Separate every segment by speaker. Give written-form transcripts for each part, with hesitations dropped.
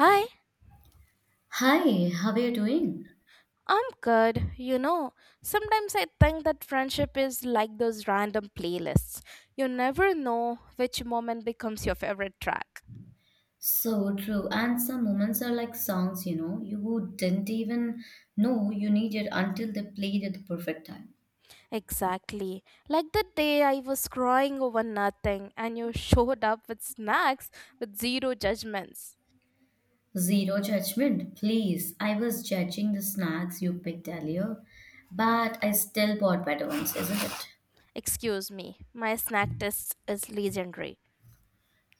Speaker 1: Hi,
Speaker 2: Hi, how are you doing?
Speaker 1: I'm good. You know, sometimes I think that friendship is like those random playlists. You never know which moment becomes your favorite track.
Speaker 2: So true. And some moments are like songs, you know, you didn't even know you needed until they played at the perfect time.
Speaker 1: Exactly. Like the day I was crying over nothing and you showed up with snacks with zero judgments.
Speaker 2: Zero judgment, please. I was judging the snacks you picked earlier, but I still bought better ones, isn't it?
Speaker 1: Excuse me, my snack test is legendary.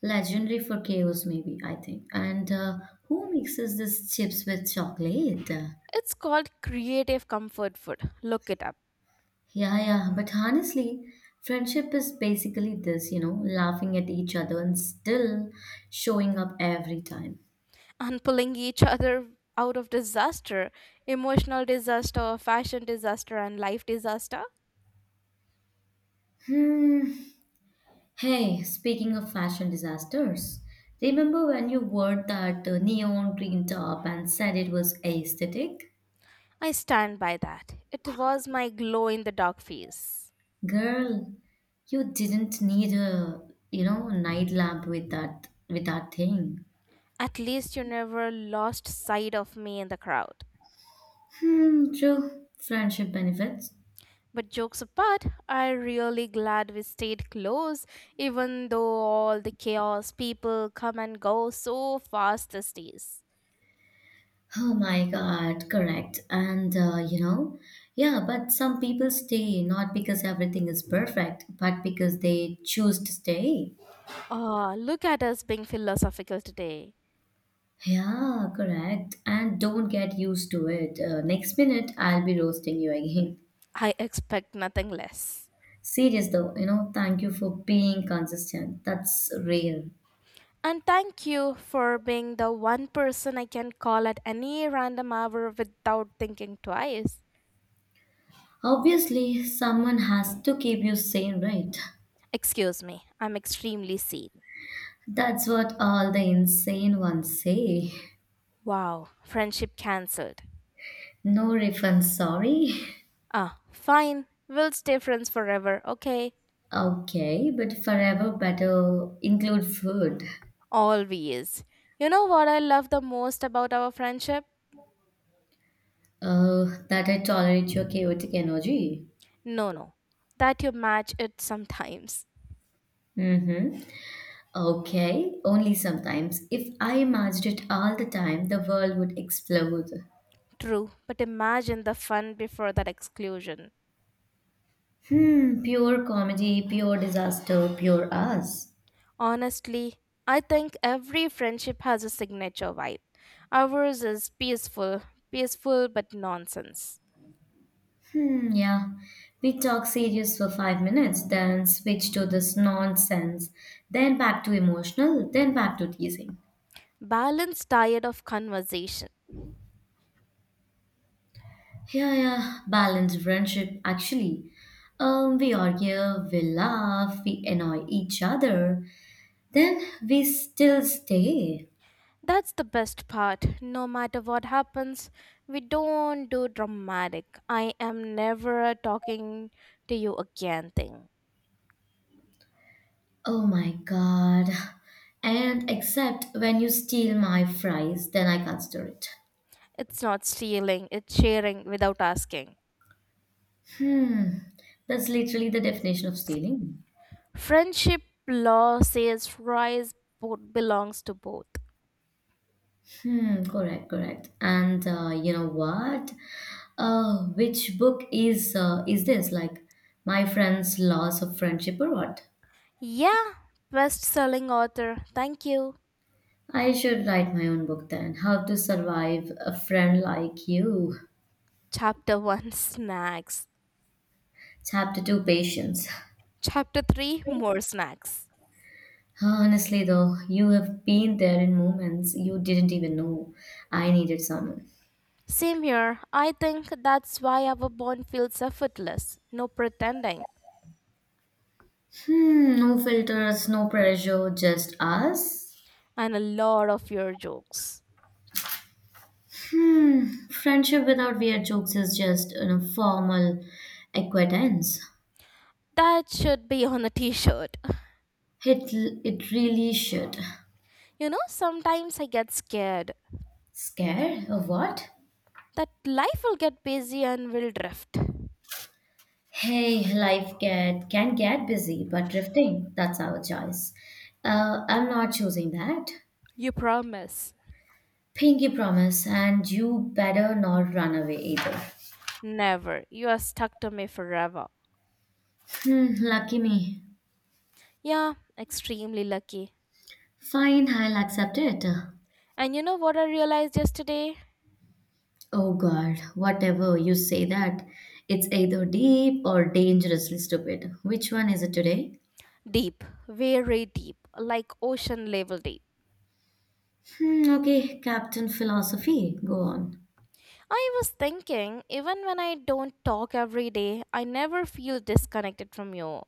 Speaker 2: Legendary for chaos, maybe, I think. And Who mixes this chips with chocolate?
Speaker 1: It's called creative comfort food. Look it up.
Speaker 2: Yeah, yeah. But honestly, friendship is basically this, you know, laughing at each other and still showing up every time.
Speaker 1: And pulling each other out of disaster, emotional disaster, fashion disaster, and life disaster.
Speaker 2: Hmm. Hey, speaking of fashion disasters, remember when you wore that neon green top and said it was aesthetic?
Speaker 1: I stand by that, it was my glow in the dark phase.
Speaker 2: Girl, you didn't need a, you know, night lamp with that thing.
Speaker 1: At least you never lost sight of me in the crowd.
Speaker 2: Hmm, true. Friendship benefits.
Speaker 1: But jokes apart, I really glad we stayed close even though all the chaos, people come and go so fast these days.
Speaker 2: Oh my God, correct. And You know, yeah, but some people stay not because everything is perfect, but because they choose to stay.
Speaker 1: Ah, look at us being philosophical today.
Speaker 2: Yeah, correct. And don't get used to it. Next minute, I'll be roasting you again.
Speaker 1: I expect nothing less.
Speaker 2: Serious though, you know, thank you for being consistent. That's real.
Speaker 1: And thank you for being the one person I can call at any random hour without thinking twice.
Speaker 2: Obviously, someone has to keep you sane, right?
Speaker 1: Excuse me, I'm extremely seen.
Speaker 2: That's what all the insane ones say.
Speaker 1: Wow, friendship cancelled.
Speaker 2: No refund, sorry.
Speaker 1: Ah, fine, we'll stay friends forever, okay?
Speaker 2: Okay, but forever better include food.
Speaker 1: Always. You know what I love the most about our friendship?
Speaker 2: That I tolerate your chaotic energy.
Speaker 1: No, no, that you match it sometimes.
Speaker 2: Mm-hmm. Okay, only sometimes. If I imagined it all the time, the world would explode.
Speaker 1: True, but imagine the fun before that exclusion.
Speaker 2: Hmm, pure comedy, pure disaster, pure us.
Speaker 1: Honestly, I think every friendship has a signature vibe. Ours is peaceful, peaceful but nonsense.
Speaker 2: Hmm, yeah. We talk serious for 5 minutes, then switch to this nonsense, then back to emotional, then back to teasing.
Speaker 1: Balance tired of conversation.
Speaker 2: Yeah, yeah, balance friendship. Actually, we argue, we laugh, we annoy each other, then we still stay.
Speaker 1: That's the best part. No matter what happens, we don't do dramatic. I am never talking to you again thing.
Speaker 2: Oh my god. And except when you steal my fries, then I consider it.
Speaker 1: It's not stealing, it's sharing without asking.
Speaker 2: That's literally the definition of stealing.
Speaker 1: Friendship law says rise belongs to both.
Speaker 2: Hmm, correct, correct. And You know what? Which book is this? Like my friend's loss of friendship or what?
Speaker 1: Yeah, best selling author. Thank you.
Speaker 2: I should write my own book then. How to Survive a Friend Like You.
Speaker 1: Chapter 1, snacks.
Speaker 2: Chapter 2 Patience.
Speaker 1: Chapter 3, more snacks.
Speaker 2: Honestly, though, you have been there in moments you didn't even know I needed someone.
Speaker 1: Same here. I think that's why our bond feels effortless. No pretending.
Speaker 2: Hmm, no filters, no pressure, just us.
Speaker 1: And a lot of your jokes.
Speaker 2: Friendship without weird jokes is just a formal acquaintance.
Speaker 1: That should be on a t shirt.
Speaker 2: It, it really should.
Speaker 1: You know, sometimes I get scared
Speaker 2: Scared of what?
Speaker 1: that life will get busy and will drift.
Speaker 2: Hey, life get can get busy, but drifting, that's our choice. I'm not choosing that.
Speaker 1: You promise.
Speaker 2: Pinky promise, and you better not run away either.
Speaker 1: Never. You are stuck to me forever.
Speaker 2: Hmm, lucky me.
Speaker 1: Yeah, extremely lucky.
Speaker 2: Fine, I'll accept it.
Speaker 1: And you know what I realized yesterday?
Speaker 2: Oh God, whatever you say that, it's either deep or dangerously stupid. Which one is it today?
Speaker 1: Deep, very deep, like ocean level deep.
Speaker 2: Hmm, okay, Captain Philosophy, go on.
Speaker 1: I was thinking, even when I don't talk every day, I never feel disconnected from you.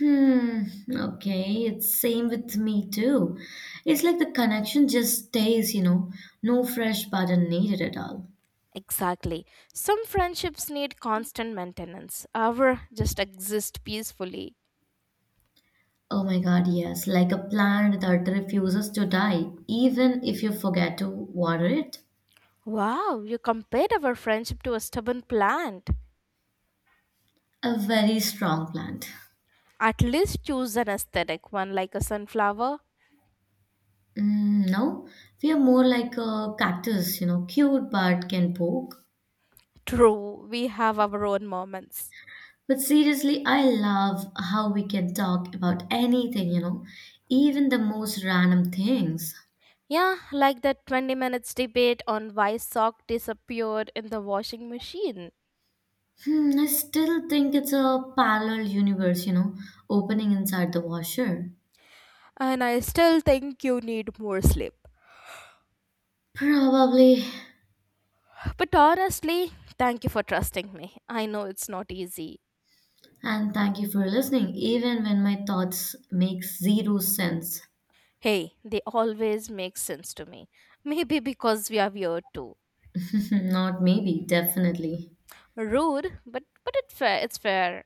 Speaker 2: Hmm, okay, it's same with me too. It's like the connection just stays, you know, no fresh button needed at all.
Speaker 1: Exactly. Some friendships need constant maintenance, ours just exist peacefully.
Speaker 2: Oh my God, yes, like a plant that refuses to die, even if you forget to water it.
Speaker 1: Wow, you compared our friendship to a stubborn plant.
Speaker 2: A very strong plant.
Speaker 1: At least choose an aesthetic one like a sunflower.
Speaker 2: Mm, no, we are more like a cactus, you know, cute but can poke.
Speaker 1: True, we have our own moments.
Speaker 2: But seriously, I love how we can talk about anything, you know, even the most random things.
Speaker 1: Yeah, like that 20 minutes debate on why sock disappeared in the washing machine.
Speaker 2: Hmm, I still think it's a parallel universe, you know, opening inside the washer.
Speaker 1: And I still think you need more sleep.
Speaker 2: Probably.
Speaker 1: But honestly, thank you for trusting me. I know it's not easy.
Speaker 2: And thank you for listening, even when my thoughts make zero sense.
Speaker 1: Hey, they always make sense to me. Maybe because we are weird too.
Speaker 2: Not maybe, definitely.
Speaker 1: Rude, but it fair, it's fair.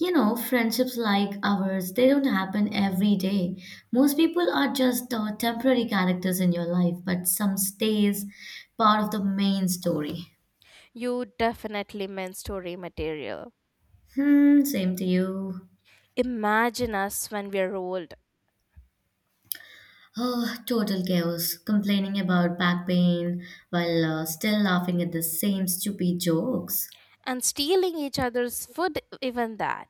Speaker 2: You know, friendships like ours, they don't happen every day. Most people are just temporary characters in your life, but some stays part of the main story.
Speaker 1: You definitely meant story material.
Speaker 2: Hmm, same to you.
Speaker 1: Imagine us when we're old
Speaker 2: Oh, total chaos, complaining about back pain while still laughing at the same stupid jokes.
Speaker 1: and stealing each other's food even that.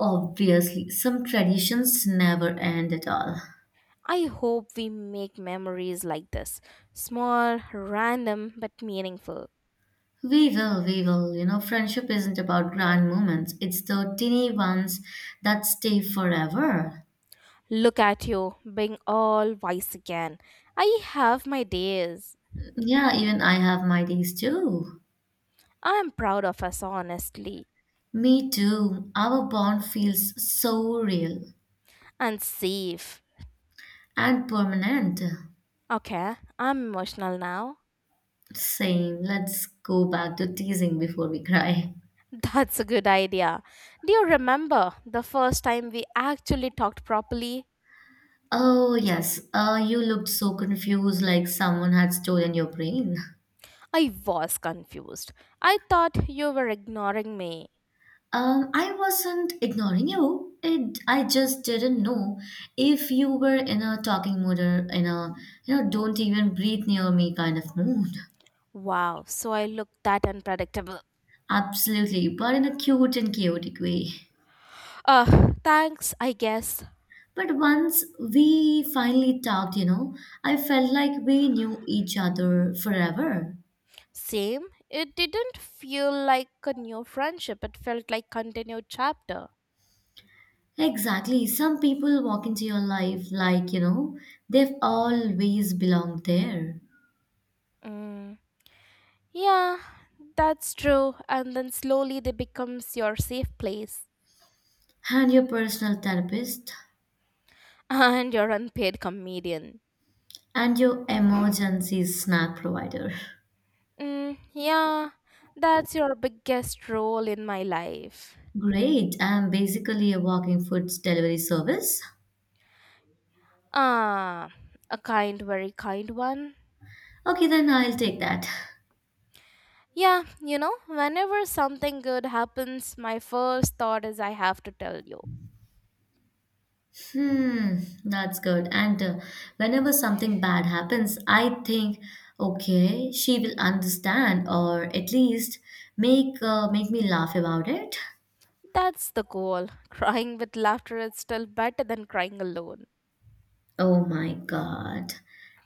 Speaker 2: Obviously, some traditions never end at all.
Speaker 1: I hope we make memories like this, small, random, but meaningful.
Speaker 2: We will, we will. You know, friendship isn't about grand moments, it's the teeny ones that stay forever.
Speaker 1: Look at you, being all wise again. I have my days.
Speaker 2: Yeah, even I have my days too.
Speaker 1: I'm proud of us, honestly.
Speaker 2: Me too. Our bond feels so real
Speaker 1: And safe.
Speaker 2: and permanent.
Speaker 1: Okay, I'm emotional now.
Speaker 2: Same. Let's go back to teasing before we cry.
Speaker 1: That's a good idea. Do you remember the first time we actually talked properly?
Speaker 2: Oh, yes. You looked so confused, like someone had stolen your brain.
Speaker 1: I was confused. I thought you were ignoring me.
Speaker 2: I wasn't ignoring you. I just didn't know if you were in a talking mood or in a, you know, don't even breathe near me kind of mood.
Speaker 1: Wow, so I look that unpredictable.
Speaker 2: Absolutely, but in a cute and chaotic way.
Speaker 1: Thanks, I guess.
Speaker 2: But once we finally talked, you know, I felt like we knew each other forever.
Speaker 1: Same. It didn't feel like a new friendship, it felt like continued chapter.
Speaker 2: Exactly. Some people walk into your life like, you know, they've always belonged there.
Speaker 1: Mm. Yeah, that's true. And then slowly they becomes your safe place,
Speaker 2: And your personal therapist
Speaker 1: and your unpaid comedian.
Speaker 2: and your emergency snack provider.
Speaker 1: Mm, yeah, that's your biggest role in my life.
Speaker 2: Great. I'm basically a walking food delivery service.
Speaker 1: Ah, a kind, very kind one.
Speaker 2: Okay, then I'll take that.
Speaker 1: Yeah, you know, whenever something good happens, my first thought is I have to tell you.
Speaker 2: Hmm, that's good. And Whenever something bad happens, I think, okay, she will understand or at least make me laugh about it.
Speaker 1: That's the goal. Crying with laughter is still better than crying alone.
Speaker 2: Oh my God.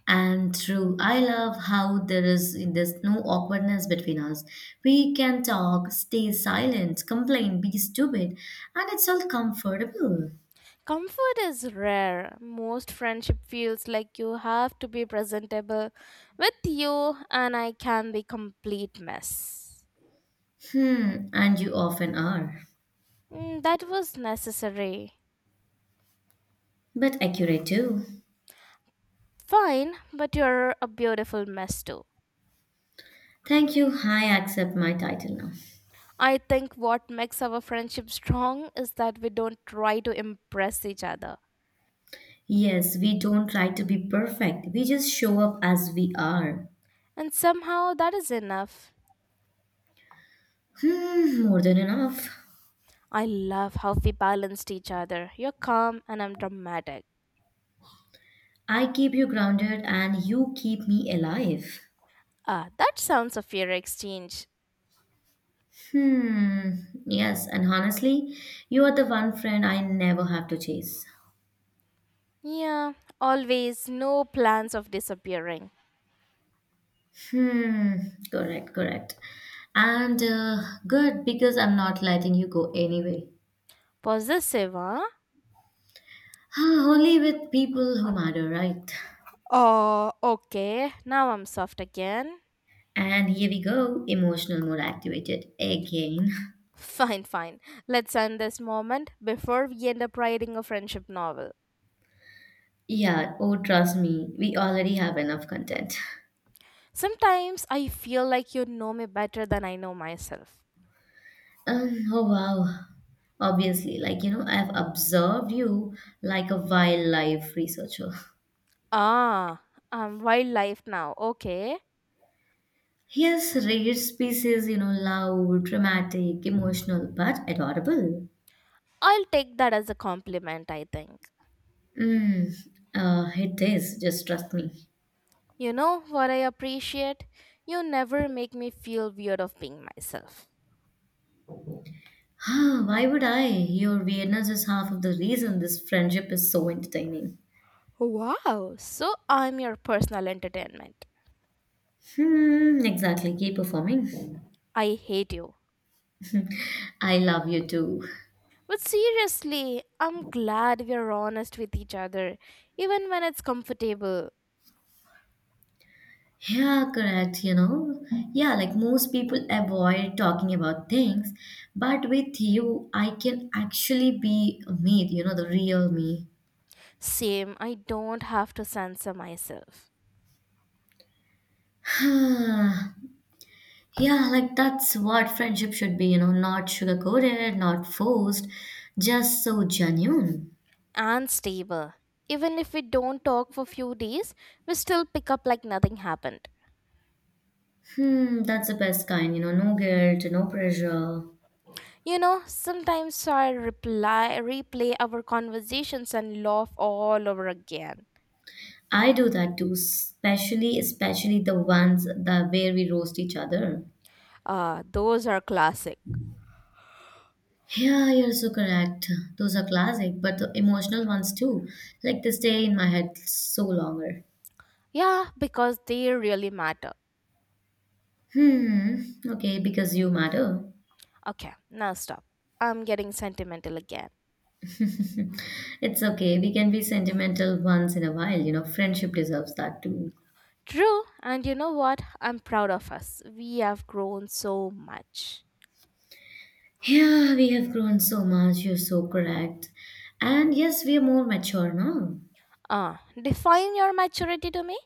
Speaker 2: And true, I love how there's no awkwardness between us. We can talk, stay silent, complain, be stupid, and it's all comfortable.
Speaker 1: Comfort is rare. Most friendship feels like you have to be presentable. With you, and I can be complete mess.
Speaker 2: Hmm, and you often are,
Speaker 1: Mm, that was necessary.
Speaker 2: but accurate too.
Speaker 1: Fine, but you're a beautiful mess too.
Speaker 2: Thank you. I accept my title now.
Speaker 1: I think what makes our friendship strong is that we don't try to impress each other.
Speaker 2: Yes, we don't try to be perfect. We just show up as we are.
Speaker 1: And somehow that is enough.
Speaker 2: Hmm, more than enough.
Speaker 1: I love how we balanced each other. You're calm and I'm dramatic.
Speaker 2: I keep you grounded and you keep me alive.
Speaker 1: Ah, that sounds a fair exchange.
Speaker 2: Hmm. Yes, and honestly, you are the one friend I never have to chase.
Speaker 1: Yeah, always no plans of disappearing.
Speaker 2: Hmm. Correct, correct. And Good because I'm not letting you go anyway.
Speaker 1: Possessive, huh?
Speaker 2: Ah, only with people who matter, right?
Speaker 1: Oh, okay. Now I'm soft again.
Speaker 2: And here we go, emotional mode activated again.
Speaker 1: Fine, fine. Let's end this moment before we end up writing a friendship novel.
Speaker 2: Yeah, oh, trust me, we already have enough content.
Speaker 1: Sometimes I feel like you know me better than I know myself.
Speaker 2: Oh, wow. Obviously, like, you know, I've observed you like a wildlife researcher.
Speaker 1: Ah, I'm wildlife now. Okay.
Speaker 2: Yes, rare species, you know, loud, dramatic, emotional, but adorable.
Speaker 1: I'll take that as a compliment, I think.
Speaker 2: Mm, it is, just trust me.
Speaker 1: You know what I appreciate? You never make me feel weird of being myself.
Speaker 2: Ah, why would I? Your weirdness is half of the reason this friendship is so entertaining.
Speaker 1: Wow, so I'm your personal entertainment.
Speaker 2: Hmm, exactly. Keep performing.
Speaker 1: I hate you.
Speaker 2: I love you too.
Speaker 1: But seriously, I'm glad we're honest with each other, even when it's comfortable.
Speaker 2: Yeah, correct, you know. Yeah, like most people avoid talking about things, but with you, I can actually be me, you know, the real me.
Speaker 1: Same, I don't have to censor myself.
Speaker 2: Yeah, like that's what friendship should be, you know, not sugar-coated, not forced, just so genuine.
Speaker 1: And stable. Even if we don't talk for few days, we still pick up like nothing happened.
Speaker 2: Hmm, that's the best kind, you know, no guilt, no pressure.
Speaker 1: You know, sometimes I reply, replay our conversations and laugh all over again.
Speaker 2: I do that too, especially the ones that where we roast each other.
Speaker 1: Those are classic.
Speaker 2: Yeah, you're so correct. Those are classic, but the emotional ones too. Like they stay in my head so longer.
Speaker 1: Yeah, because they really matter.
Speaker 2: Hmm, okay, because you matter.
Speaker 1: Okay, now stop. I'm getting sentimental again.
Speaker 2: It's okay. We can be sentimental once in a while, you know, friendship deserves that too.
Speaker 1: True, and you know what? I'm proud of us. We have grown so much.
Speaker 2: Yeah, we have grown so much. You're so correct. And yes, we are more mature now,
Speaker 1: Define your maturity to me?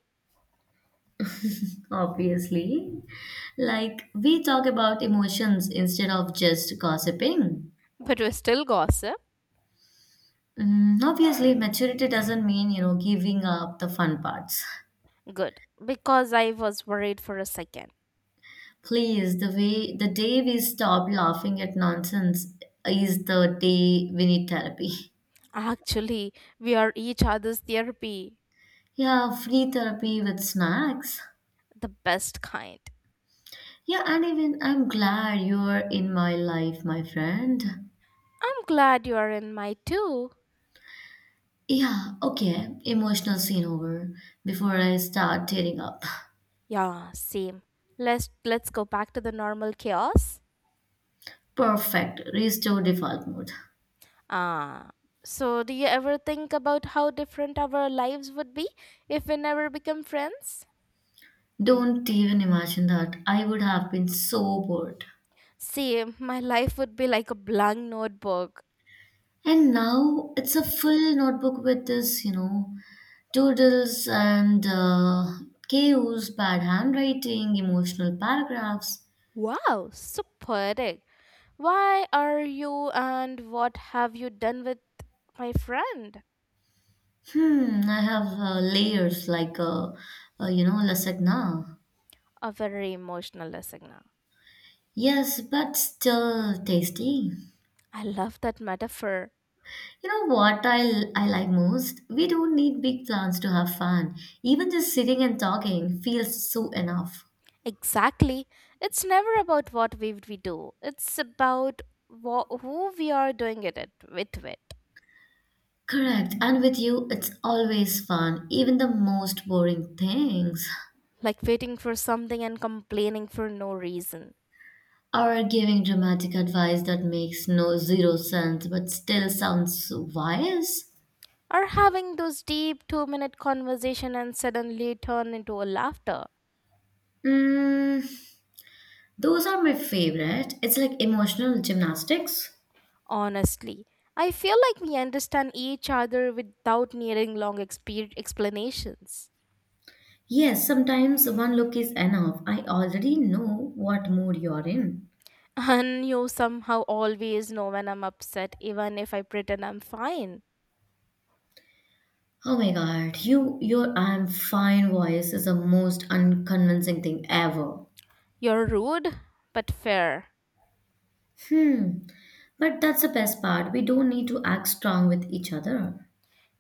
Speaker 2: obviously. Like, we talk about emotions instead of just gossiping.
Speaker 1: But we still gossip?
Speaker 2: Mm, obviously, maturity doesn't mean, you know, giving up the fun parts.
Speaker 1: Good, because I was worried for a second.
Speaker 2: Please, the day we stop laughing at nonsense is the day we need therapy.
Speaker 1: Actually, we are each other's therapy.
Speaker 2: Yeah, free therapy with snacks.
Speaker 1: The best kind.
Speaker 2: Yeah, and even I'm glad you're in my life, my friend.
Speaker 1: I'm glad you are in my too.
Speaker 2: Yeah, okay. Emotional scene over before I start tearing up.
Speaker 1: Yeah, same. Let's go back to the normal chaos.
Speaker 2: Perfect. Restore default mode.
Speaker 1: Ah. So do you ever think about how different our lives would be if we never become friends?
Speaker 2: Don't even imagine that. I would have been so bored.
Speaker 1: Same, my life would be like a blank notebook.
Speaker 2: And now it's a full notebook with this, you know, doodles and chaos, bad handwriting, emotional paragraphs.
Speaker 1: Wow, so poetic. Why are you and what have you done with my friend?
Speaker 2: I have layers like you know, lasagna.
Speaker 1: A very emotional listener.
Speaker 2: Yes, but still tasty.
Speaker 1: I love that metaphor.
Speaker 2: You know what I like most? We don't need big plans to have fun. Even just sitting and talking feels so enough.
Speaker 1: Exactly. It's never about what we do. It's about wha who we are doing it at, with.
Speaker 2: Correct. And with you, it's always fun, even the most boring things.
Speaker 1: Like waiting for something and complaining for no reason.
Speaker 2: Or giving dramatic advice that makes no zero sense but still sounds so wise.
Speaker 1: Or having those deep 2 minute conversation and suddenly turn into a laughter.
Speaker 2: Mm, those are my favorite. It's like emotional gymnastics.
Speaker 1: Honestly, I feel like we understand each other without needing long explanations.
Speaker 2: Yes, sometimes one look is enough. I already know what mood you're in.
Speaker 1: And you somehow always know when I'm upset, even if I pretend I'm fine.
Speaker 2: Oh my God, your I'm fine voice is the most unconvincing thing ever.
Speaker 1: You're rude, but fair.
Speaker 2: Hmm. But that's the best part. We don't need to act strong with each other.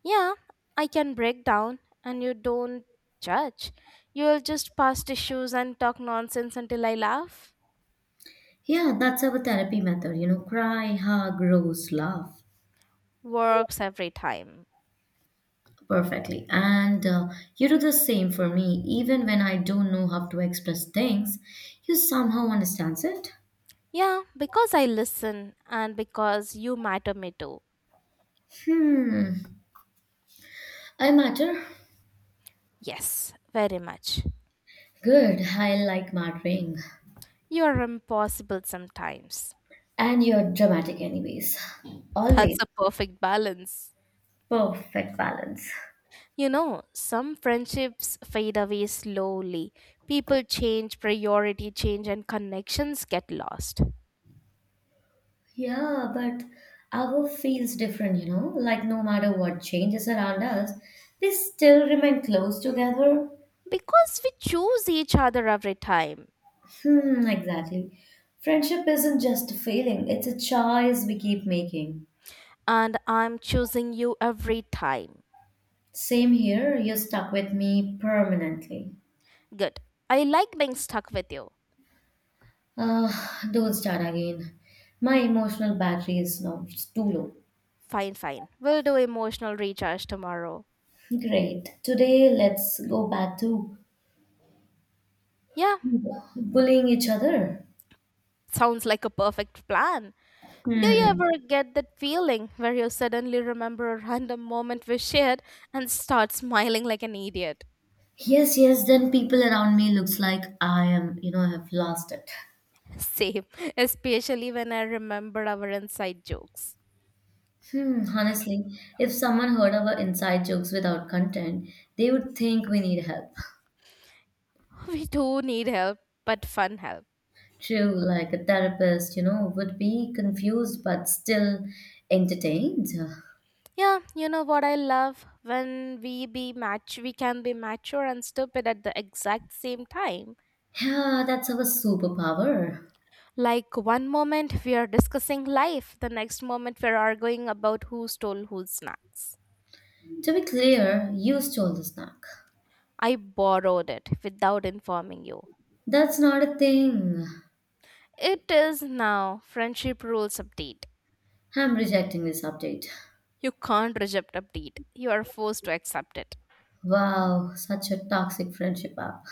Speaker 1: Yeah, I can break down and you don't judge. You'll just pass tissues and talk nonsense until I laugh.
Speaker 2: Yeah, that's our therapy method, you know, cry, hug, roast, laugh.
Speaker 1: Works every time.
Speaker 2: Perfectly. And You do the same for me. Even when I don't know how to express things, you somehow understands it.
Speaker 1: Yeah, because I listen and because you matter me too.
Speaker 2: Hmm. I matter.
Speaker 1: Yes, very much.
Speaker 2: Good. I like mattering.
Speaker 1: You are impossible sometimes.
Speaker 2: And you're dramatic anyways.
Speaker 1: That's
Speaker 2: Always.
Speaker 1: a perfect balance.
Speaker 2: Perfect balance.
Speaker 1: You know, some friendships fade away slowly. People change, priority change, and connections get lost.
Speaker 2: Yeah, but our feels different, you know? Like no matter what changes around us, they still remain close together.
Speaker 1: Because we choose each other every time.
Speaker 2: Hmm, exactly. Friendship isn't just a feeling, it's a choice we keep making.
Speaker 1: And I'm choosing you every time.
Speaker 2: Same here, you're stuck with me permanently.
Speaker 1: Good. I like being stuck with you.
Speaker 2: Uh, don't start again. My emotional battery is now it's too low.
Speaker 1: Fine, fine. We'll do emotional recharge tomorrow.
Speaker 2: Great. Today, let's go back to
Speaker 1: Yeah,
Speaker 2: bullying each other.
Speaker 1: sounds like a perfect plan. Do you
Speaker 2: Hmm.
Speaker 1: ever get that feeling where you suddenly remember a random moment we shared and start smiling like an idiot?
Speaker 2: Yes, yes, then people around me looks like I am, you know, have lost it.
Speaker 1: Same, especially when I remember our inside jokes.
Speaker 2: Hmm, honestly, if someone heard our inside jokes without content, they would think we need help.
Speaker 1: We do need help, but fun help.
Speaker 2: True, like a therapist, you know, would be confused but still entertained.
Speaker 1: Yeah, you know what I love when we can be mature and stupid at the exact same time.
Speaker 2: Yeah, that's our superpower.
Speaker 1: Like one moment we are discussing life, the next moment we're arguing about who stole whose snacks.
Speaker 2: To be clear, you stole the snack.
Speaker 1: I borrowed it without informing you.
Speaker 2: That's not a thing.
Speaker 1: It is now friendship rules update.
Speaker 2: I'm rejecting this update.
Speaker 1: You can't reject update. You are forced to accept it.
Speaker 2: Wow, such a toxic friendship app.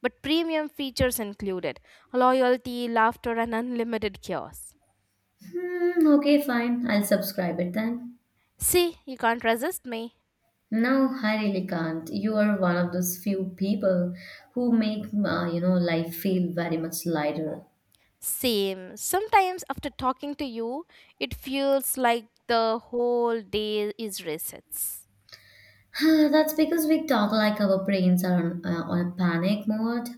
Speaker 1: But premium features included loyalty, laughter and unlimited chaos.
Speaker 2: Hmm, okay, fine. I'll subscribe it then.
Speaker 1: See, you can't resist me.
Speaker 2: No, I really can't. You are one of those few people who make you know life feel very much lighter.
Speaker 1: Same. Sometimes after talking to you, it feels like the whole day is resets.
Speaker 2: That's because we talk like our brains are on a panic mode.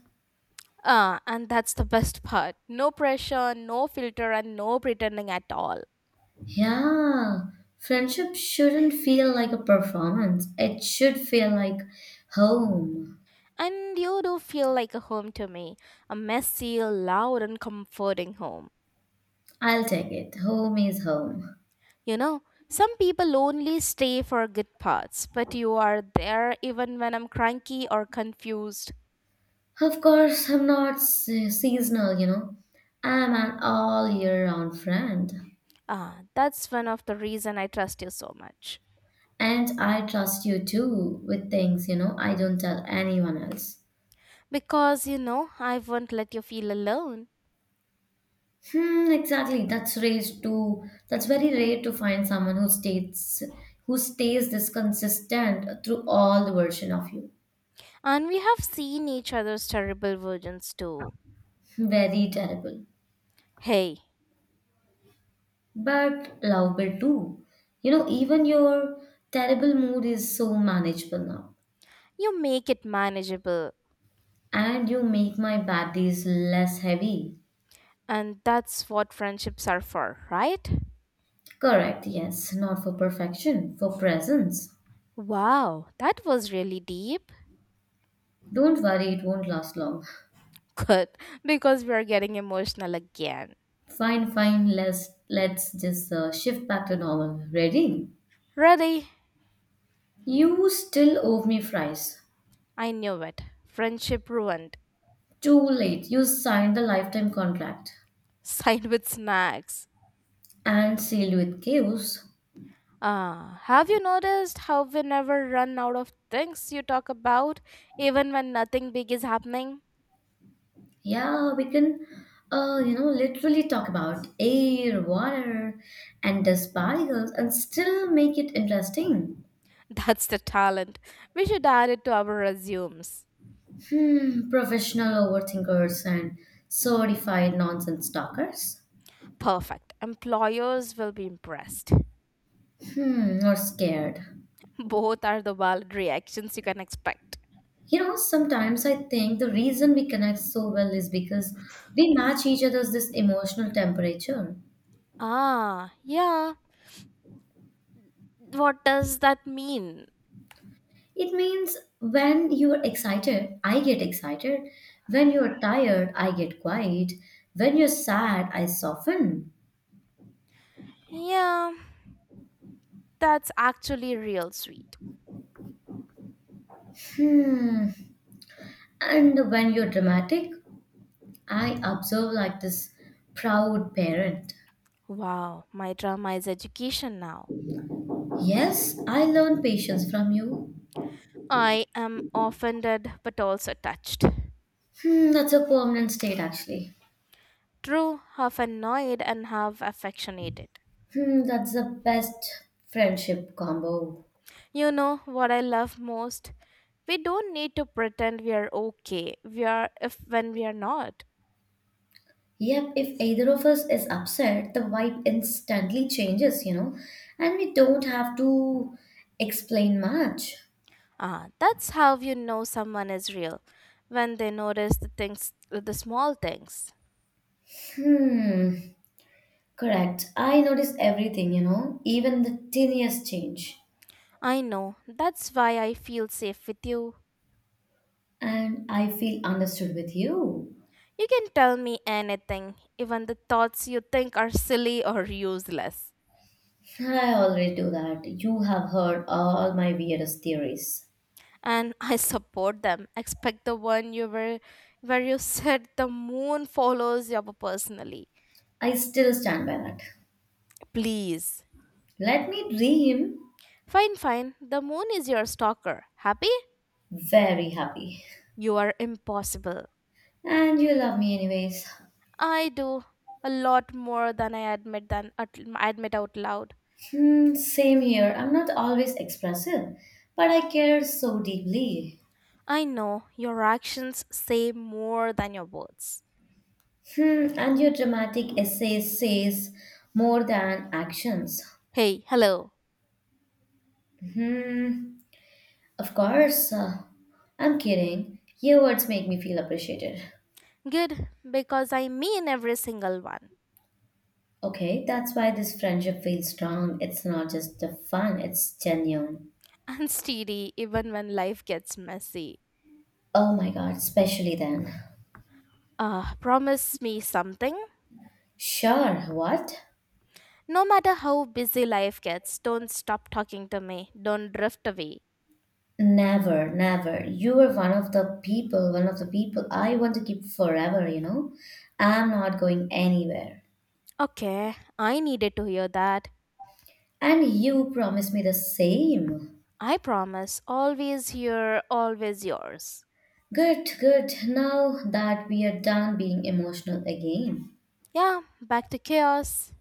Speaker 1: Ah, and that's the best part. No pressure, no filter, and no pretending at all.
Speaker 2: Yeah, friendship shouldn't feel like a performance. It should feel like home.
Speaker 1: And you do feel like a home to me. A messy, loud, and comforting home.
Speaker 2: I'll take it. Home is home.
Speaker 1: You know, some people only stay for good parts, but you are there even when I'm cranky or confused.
Speaker 2: Of course, I'm not seasonal, you know. I'm an all year round friend.
Speaker 1: Ah, that's one of the reason I trust you so much.
Speaker 2: And I trust you too with things, you know, I don't tell anyone else.
Speaker 1: Because, you know, I won't let you feel alone.
Speaker 2: Hmm, exactly. That's very rare to find someone who stays this consistent through all the version of you.
Speaker 1: And we have seen each other's terrible versions too.
Speaker 2: Very terrible.
Speaker 1: Hey,
Speaker 2: But lovable too. You know, even your terrible mood is so manageable now.
Speaker 1: you make it manageable.
Speaker 2: And you make my bad days less heavy.
Speaker 1: And that's what friendships are for, right?
Speaker 2: Correct, yes. Not for perfection, for presence.
Speaker 1: Wow, that was really deep.
Speaker 2: Don't worry, it won't last long.
Speaker 1: Good, because we are getting emotional again.
Speaker 2: Fine, fine. Let's just shift back to normal. Ready?
Speaker 1: Ready?
Speaker 2: You still owe me fries.
Speaker 1: I knew it. Friendship ruined.
Speaker 2: Too late. You signed the lifetime contract
Speaker 1: Signed with snacks.
Speaker 2: and sealed with chaos.
Speaker 1: Ah, have you noticed how we never run out of things you talk about, even when nothing big is happening?
Speaker 2: Yeah, we can, you know, literally talk about air, water, and dust particles, and still make it interesting.
Speaker 1: That's the talent. We should add it to our resumes.
Speaker 2: Hmm, professional overthinkers and certified nonsense talkers.
Speaker 1: Perfect. Employers will be impressed.
Speaker 2: Hmm, or scared.
Speaker 1: Both are the valid reactions you can expect.
Speaker 2: You know, sometimes I think the reason we connect so well is because we match each other's this emotional temperature.
Speaker 1: Ah, yeah. What does that mean?
Speaker 2: It means when you're excited, I get excited. When you're tired, I get quiet. When you're sad, I soften.
Speaker 1: Yeah, that's actually real sweet.
Speaker 2: Hmm. And when you're dramatic, I observe like this proud parent.
Speaker 1: Wow, my drama is education now.
Speaker 2: Yes, I learn patience from you.
Speaker 1: I am offended but also touched.
Speaker 2: Hmm, that's a permanent state actually.
Speaker 1: True, half annoyed and half affectionated.
Speaker 2: Hmm, that's the best friendship combo.
Speaker 1: You know what I love most? We don't need to pretend we are okay. We are if when we are not.
Speaker 2: Yep, if either of us is upset, the vibe instantly changes, you know, and we don't have to explain much.
Speaker 1: Ah, that's how you know someone is real when they notice the small things.
Speaker 2: Hmm, correct. I notice everything, you know, even the tiniest change,
Speaker 1: I know. That's why I feel safe with you.
Speaker 2: and I feel understood with you.
Speaker 1: You can tell me anything, even the thoughts you think are silly or useless.
Speaker 2: I already do that. You have heard all my weirdest theories.
Speaker 1: And I support them. Expect the one you were where you said the moon follows you up personally.
Speaker 2: I still stand by that.
Speaker 1: Please.
Speaker 2: Let me dream
Speaker 1: Fine, fine. The moon is your stalker. Happy?
Speaker 2: very happy.
Speaker 1: You are impossible.
Speaker 2: And you love me anyways.
Speaker 1: I do a lot more than I admit than admit out loud.
Speaker 2: Hmm, same here. I'm not always expressive, but I care so deeply.
Speaker 1: I know your actions say more than your words.
Speaker 2: Hmm, and your dramatic essay says more than actions.
Speaker 1: Hey, hello.
Speaker 2: Hmm, of course. I'm kidding. Your words make me feel appreciated.
Speaker 1: Good, because I mean every single one.
Speaker 2: Okay, that's why this friendship feels strong. It's not just a fun, it's genuine.
Speaker 1: And steady, even when life gets messy.
Speaker 2: Oh my god, especially then.
Speaker 1: Ah, promise me something.
Speaker 2: Sure, what?
Speaker 1: No matter how busy life gets, don't stop talking to me. Don't drift away.
Speaker 2: Never, never. You are one of the people, one of the people I want to keep forever, you know. I'm not going anywhere.
Speaker 1: Okay, I needed to hear that.
Speaker 2: And you promised me the same.
Speaker 1: I promise, always here, always yours.
Speaker 2: Good, good. Now that we are done being emotional again,
Speaker 1: Yeah, back to chaos.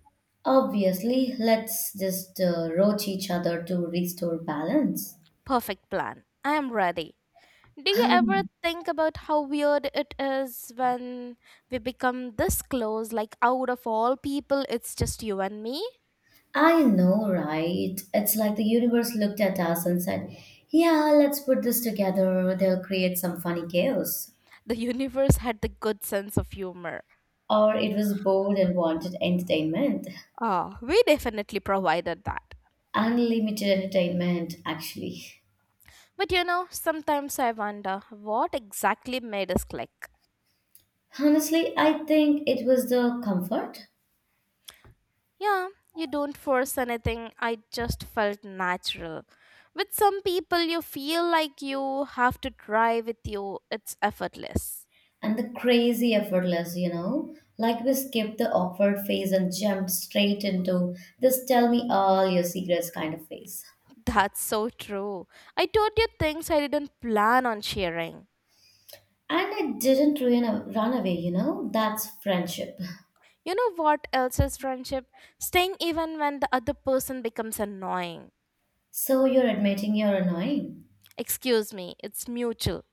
Speaker 2: obviously, let's just roach each other to restore balance.
Speaker 1: Perfect plan. I am ready. Do you ever
Speaker 2: Um,
Speaker 1: think about how weird it is when we become this close? Like, out of all people, it's just you and me?
Speaker 2: I know, right? It's like the universe looked at us and said, yeah, let's put this together. They'll create some funny chaos.
Speaker 1: The universe had the good sense of humor.
Speaker 2: Or it was bored and wanted entertainment.
Speaker 1: Ah, we definitely provided that.
Speaker 2: Unlimited entertainment, actually.
Speaker 1: But you know, sometimes I wonder what exactly made us click.
Speaker 2: Honestly, I think it was the comfort
Speaker 1: Yeah, you don't force anything. I just felt natural. With some people, you feel like you have to try with you. It's effortless.
Speaker 2: and the crazy effortless, you know. Like we skipped the awkward phase and jumped straight into this tell me all your secrets kind of phase.
Speaker 1: That's so true. I told you things I didn't plan on sharing.
Speaker 2: And it didn't ruin a run away, you know. That's friendship.
Speaker 1: You know what else is friendship? Staying even when the other person becomes annoying.
Speaker 2: So you're admitting you're annoying.
Speaker 1: Excuse me, it's mutual.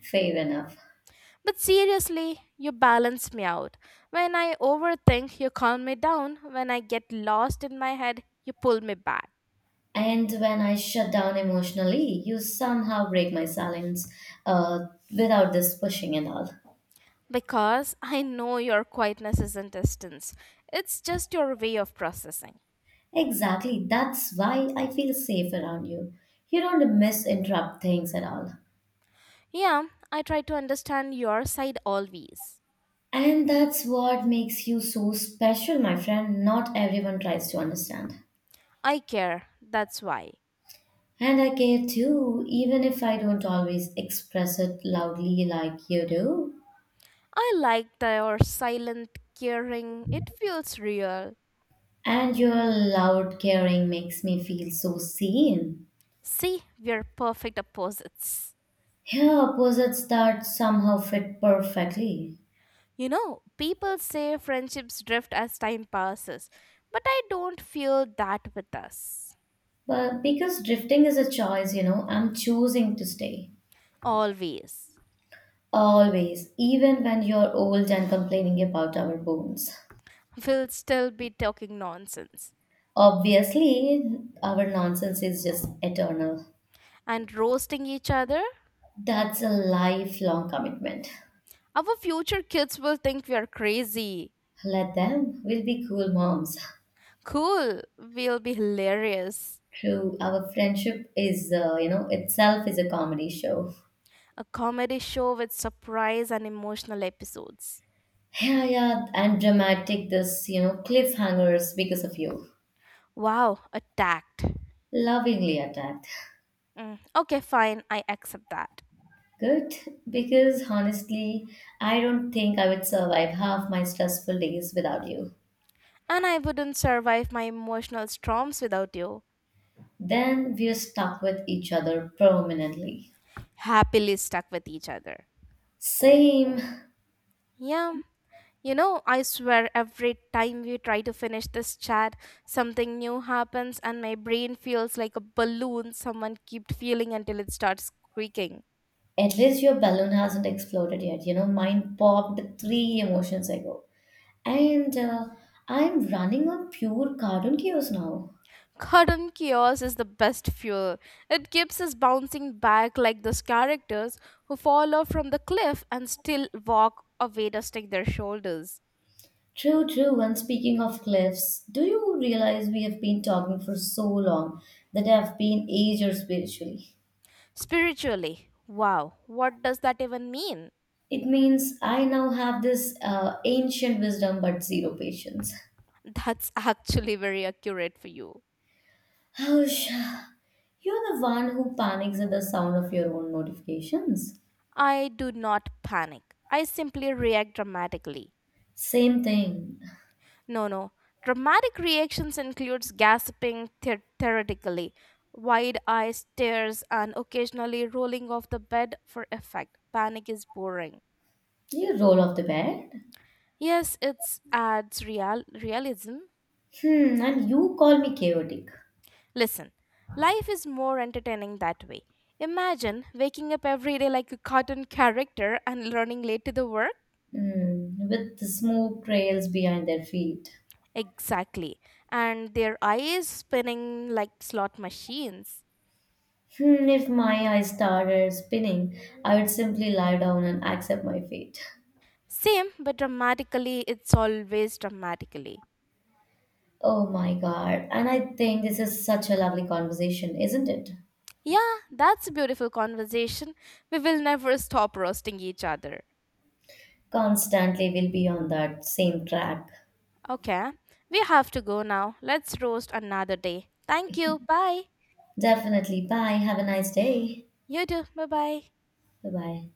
Speaker 2: Fair enough.
Speaker 1: But seriously, you balance me out. When I overthink, you calm me down. When I get lost in my head, you pull me back.
Speaker 2: And when I shut down emotionally, you somehow break my silence uh, without this pushing and all.
Speaker 1: Because I know your quietness isn't distance, it's just your way of processing.
Speaker 2: Exactly. That's why I feel safe around you. You don't misinterrupt things at all.
Speaker 1: Yeah, I try to understand your side always.
Speaker 2: And that's what makes you so special, my friend. Not everyone tries to understand.
Speaker 1: I care, that's why.
Speaker 2: And I care too, even if I don't always express it loudly like you do.
Speaker 1: I like your silent caring, it feels real.
Speaker 2: And your loud caring makes me feel so seen.
Speaker 1: See, we're perfect opposites.
Speaker 2: Here, opposites that somehow fit perfectly.
Speaker 1: You know, people say friendships drift as time passes, but I don't feel that with us.
Speaker 2: But because drifting is a choice, you know, I'm choosing to stay.
Speaker 1: Always.
Speaker 2: Always, even when you're old and complaining about our bones.
Speaker 1: We'll still be talking nonsense
Speaker 2: Obviously, our nonsense is just eternal.
Speaker 1: and roasting each other.
Speaker 2: That's a lifelong commitment.
Speaker 1: Our future kids will think we are crazy.
Speaker 2: Let them, we'll be cool moms.
Speaker 1: Cool, we'll be hilarious.
Speaker 2: True, our friendship is, you know, itself is a comedy show.
Speaker 1: A comedy show with surprise and emotional episodes.
Speaker 2: Yeah, yeah, and dramatic this, you know, cliffhangers because of you.
Speaker 1: Wow, attacked.
Speaker 2: Lovingly attacked.
Speaker 1: Mm, okay, fine, I accept that.
Speaker 2: Good, because honestly, I don't think I would survive half my stressful days without you.
Speaker 1: And I wouldn't survive my emotional storms without you.
Speaker 2: Then we're stuck with each other permanently.
Speaker 1: Happily stuck with each other.
Speaker 2: Same.
Speaker 1: Yeah, you know, I swear every time we try to finish this chat, something new happens and my brain feels like a balloon someone kept feeling until it starts squeaking.
Speaker 2: At least your balloon hasn't exploded yet. You know, mine popped three emotions ago. And I'm running on pure cartoon cues now.
Speaker 1: Cotton chaos is the best fuel. It keeps us bouncing back like those characters who fall off from the cliff and still walk away dusting their shoulders.
Speaker 2: True, true. And speaking of cliffs, do you realize we have been talking for so long that I've been aged spiritually?
Speaker 1: Spiritually, wow, what does that even mean?
Speaker 2: It means I now have this ancient wisdom but zero patience.
Speaker 1: That's actually very accurate for you.
Speaker 2: Hush, you're the one who panics at the sound of your own notifications.
Speaker 1: I do not panic. I simply react dramatically.
Speaker 2: Same thing.
Speaker 1: No, no. Dramatic reactions includes gasping theoretically, wide eye stares, and occasionally rolling off the bed for effect. Panic is boring.
Speaker 2: You roll off the bed.
Speaker 1: Yes, it adds real realism.
Speaker 2: Hmm, and you call me chaotic.
Speaker 1: Listen, life is more entertaining that way. Imagine waking up every day like a cartoon character and running late to the work.
Speaker 2: Hmm, with the smoke trails behind their feet.
Speaker 1: Exactly. And their eyes spinning like slot machines.
Speaker 2: Hmm, if my eyes started spinning, I would simply lie down and accept my fate.
Speaker 1: Same, but dramatically, it's always dramatically.
Speaker 2: Oh my god, and I think this is such a lovely conversation, isn't it?
Speaker 1: Yeah, that's a beautiful conversation. We will never stop roasting each other.
Speaker 2: Constantly, we'll be on that same track.
Speaker 1: Okay, we have to go now. Let's roast another day. Thank you. Bye.
Speaker 2: Definitely. Bye. Have a nice day.
Speaker 1: You too. Bye bye.
Speaker 2: Bye bye.